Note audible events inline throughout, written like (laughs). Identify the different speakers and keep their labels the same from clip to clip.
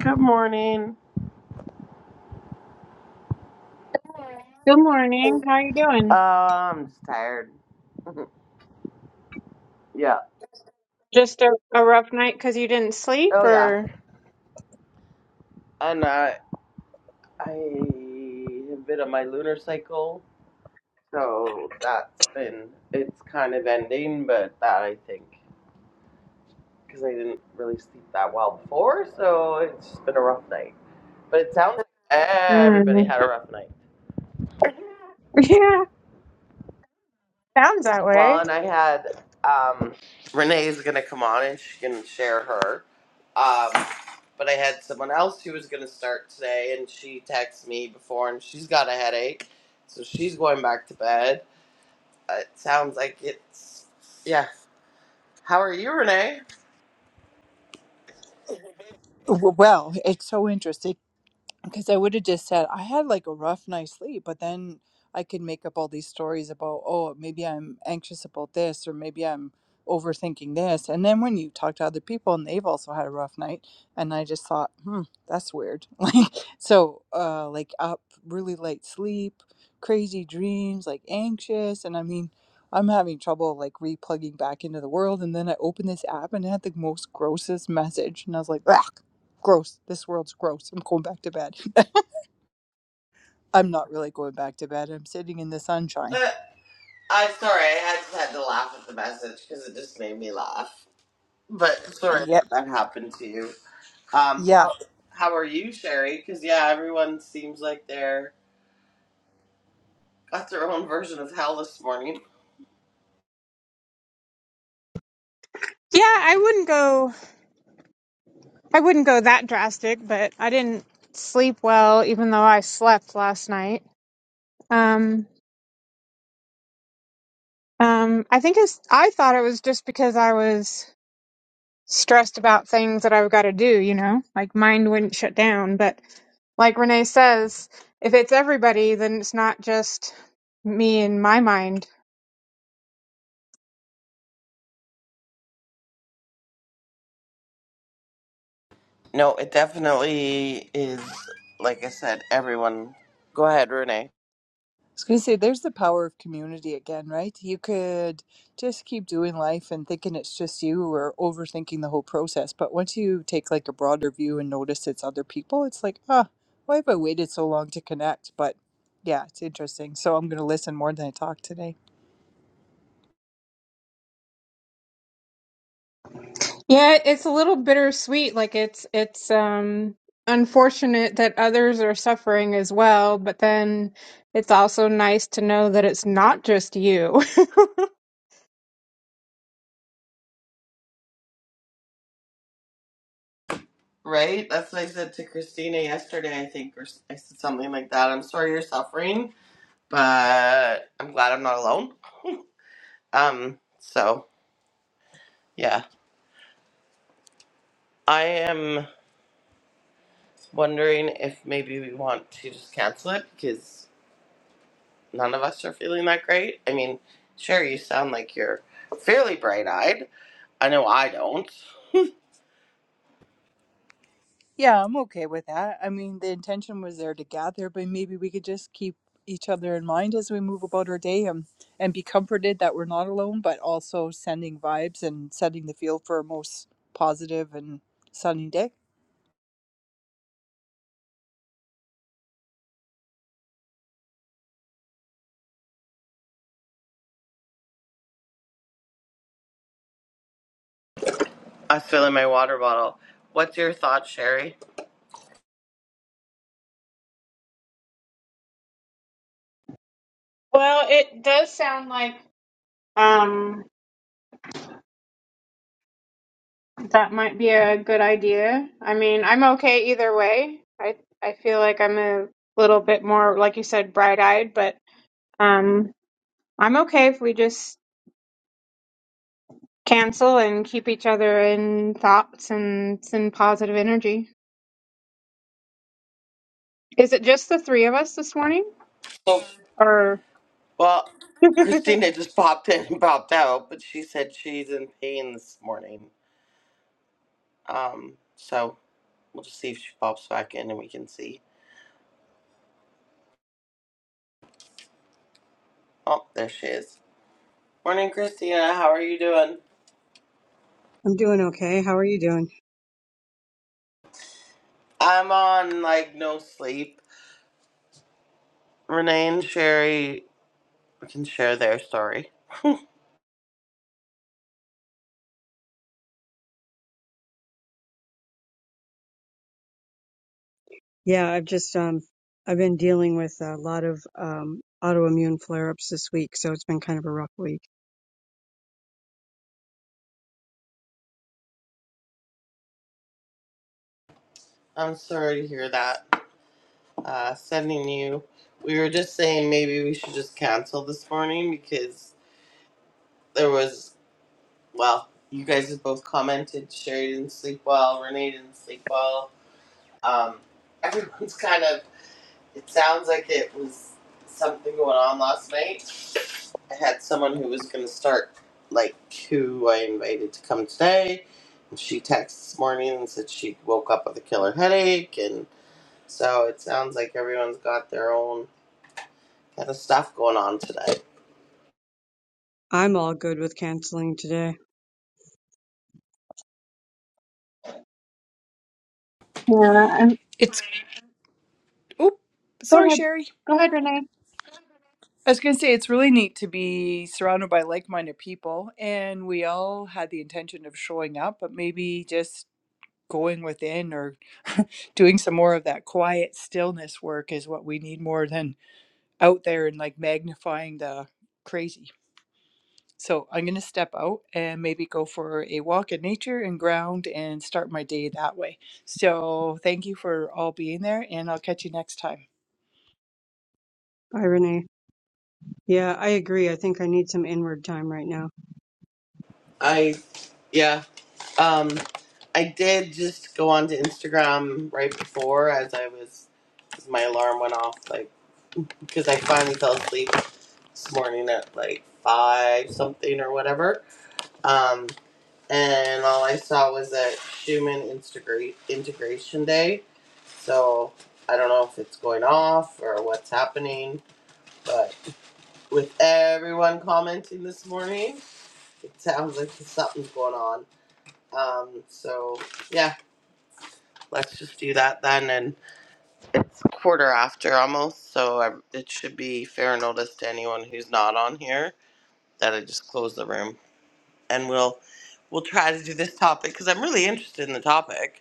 Speaker 1: Good morning.
Speaker 2: Good morning. How you
Speaker 1: Uh,
Speaker 2: doing?
Speaker 1: I'm just tired. (laughs) yeah.
Speaker 2: Just a, a rough night because you didn't sleep,
Speaker 1: Oh yeah.
Speaker 2: or
Speaker 1: And uh, I have been on my lunar cycle, so that's been it's kind of ending, but that I think because I didn't really sleep that well before, so it's just been a rough night. But it sounds like everybody
Speaker 2: Mm.
Speaker 1: had a rough night.
Speaker 2: (laughs) yeah, sounds that
Speaker 1: Well,
Speaker 2: way.
Speaker 1: and I had um, Renee's going to come on and she can share her. Um, but I had someone else who was going to start today, and she texted me before, and she's got a headache, so she's going back to bed. Uh, It sounds like it's yeah. How are you, Renee?
Speaker 3: W- Well, it's so interesting because I would have just said I had like a rough night's sleep, but then I could make up all these stories about, oh, maybe I'm anxious about this, or maybe I'm overthinking this. And then when you talk to other people and they've also had a rough night, and I just thought, hmm, that's weird. (laughs) Like, so, uh, like up really late sleep, crazy dreams, like anxious. And I mean, I'm having trouble like replugging back into the world. And then I opened this app and it had the most grossest message, and I was like, Ugh. Gross. This world's gross. I'm going back to bed. (laughs) I'm not really going back to bed. I'm sitting in the sunshine.
Speaker 1: Uh, I sorry, I had just had to laugh at the message because it just made me laugh. But sorry
Speaker 3: Yeah.
Speaker 1: that that happened to you. Um,
Speaker 3: Yeah.
Speaker 1: how
Speaker 3: I
Speaker 1: how are you, Sherry? Because yeah, everyone seems like they're got their own version of hell this morning.
Speaker 2: Yeah, I wouldn't go. I wouldn't go that drastic, but I didn't sleep well, even though I slept last night. Um, um, I think it's. I thought it was just because I was stressed about things that I've got to do. You know, like mind wouldn't shut down, but like Renee says, if it's everybody, then it's not just me in my mind.
Speaker 1: No, it definitely is. Like I said, everyone. Go ahead, Renee.
Speaker 3: was going to say, there's the power of community again, right? You could just keep doing life and thinking it's just you or overthinking the whole process. But once you take like a broader view and notice it's other people, it's like, ah, why have I waited so long to connect? But yeah, it's interesting. So I'm going to listen more than I talk today.
Speaker 2: Yeah, it's a little bittersweet. Like it's it's um unfortunate that others are suffering as well, but then it's also nice to know that it's not just you. (laughs)
Speaker 1: Right? That's what I said to Christina yesterday, I think, or s- I said something like that. I'm sorry you're suffering, but I'm glad I'm not alone. Um, so, yeah. I am wondering if maybe we want to just cancel it because none of us are feeling that great. I mean, sure, you sound like you're fairly bright eyed. I know I don't.
Speaker 3: Yeah, I'm okay with that. I mean, the intention was there to gather, but maybe we could just keep each other in mind as we move about our day and, and be comforted that we're not alone, but also sending vibes and setting the field for a most positive and sunny day.
Speaker 1: I was filling my water bottle. What's your thought, Sherry?
Speaker 2: Well, it does sound like um that might be a good idea. I mean, I'm okay either way. I I feel like I'm a little bit more, like you said, bright-eyed, but um I'm okay if we just cancel and keep each other in thoughts and send positive energy. Is it just the three of us this morning?
Speaker 1: So,
Speaker 2: Or
Speaker 1: well,
Speaker 2: (laughs) yeah,
Speaker 1: Christina just (laughs) popped in and popped out, but she said she's in pain this morning. Um, so we'll just see if she pops back in and we can see. Oh, there she is. Morning, Christina. How are you doing?
Speaker 4: I'm doing okay. How are you doing?
Speaker 1: I'm on like no sleep. Renee and Sherry can share their story.
Speaker 4: Yeah, I've just um I've been dealing with a lot of um autoimmune flare-ups this week, so it's been kind of a rough week.
Speaker 1: I'm sorry to hear that. Uh, sending you. We were just saying maybe we should just cancel this morning because there was Well, you guys have both commented. Sherry didn't sleep well. Renee didn't sleep well. Um, everyone's (laughs) kind of. It sounds like it was something going on last night. I had someone who was going to start, like who I invited to come today. And she texted this morning and said she woke up with a killer headache, and so it sounds like everyone's got their own kind of stuff going on today.
Speaker 4: I'm all good with canceling today.
Speaker 2: and
Speaker 3: It's, oop,
Speaker 2: go
Speaker 3: sorry,
Speaker 2: ahead.
Speaker 3: Sherry.
Speaker 2: Go ahead, Renee.
Speaker 3: I was going to say, it's really neat to be surrounded by like minded people, and we all had the intention of showing up, but maybe just going within or (laughs) doing some more of that quiet stillness work is what we need more than out there and like magnifying the crazy. So I'm going to step out and maybe go for a walk in nature and ground and start my day that way. So thank you for all being there and I'll catch you next time.
Speaker 4: Bye, Renee. Yeah, I agree. I think I need some inward time right now.
Speaker 1: I yeah. Um I did just go onto Instagram right before as I was as my alarm went off like because I finally fell asleep this morning at like 5 something or whatever. Um and all I saw was that Schumann integrate integration day. So I don't know if it's going off or what's happening, but with everyone commenting this morning, it sounds like something's going on. Um, so yeah, let's just do that then. And it's quarter after almost, so I, it should be fair notice to anyone who's not on here that I just close the room, and we'll we'll try to do this topic because I'm really interested in the topic.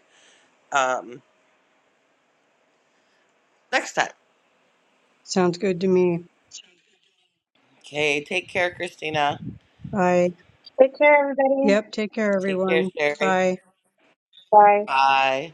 Speaker 1: Um, next time.
Speaker 4: Sounds good to me.
Speaker 1: Okay, take care, Christina.
Speaker 4: Bye.
Speaker 2: Take care, everybody.
Speaker 4: Yep, take care
Speaker 1: Take care,
Speaker 4: everyone.
Speaker 1: Sherry.
Speaker 4: Bye.
Speaker 2: Bye.
Speaker 1: Bye.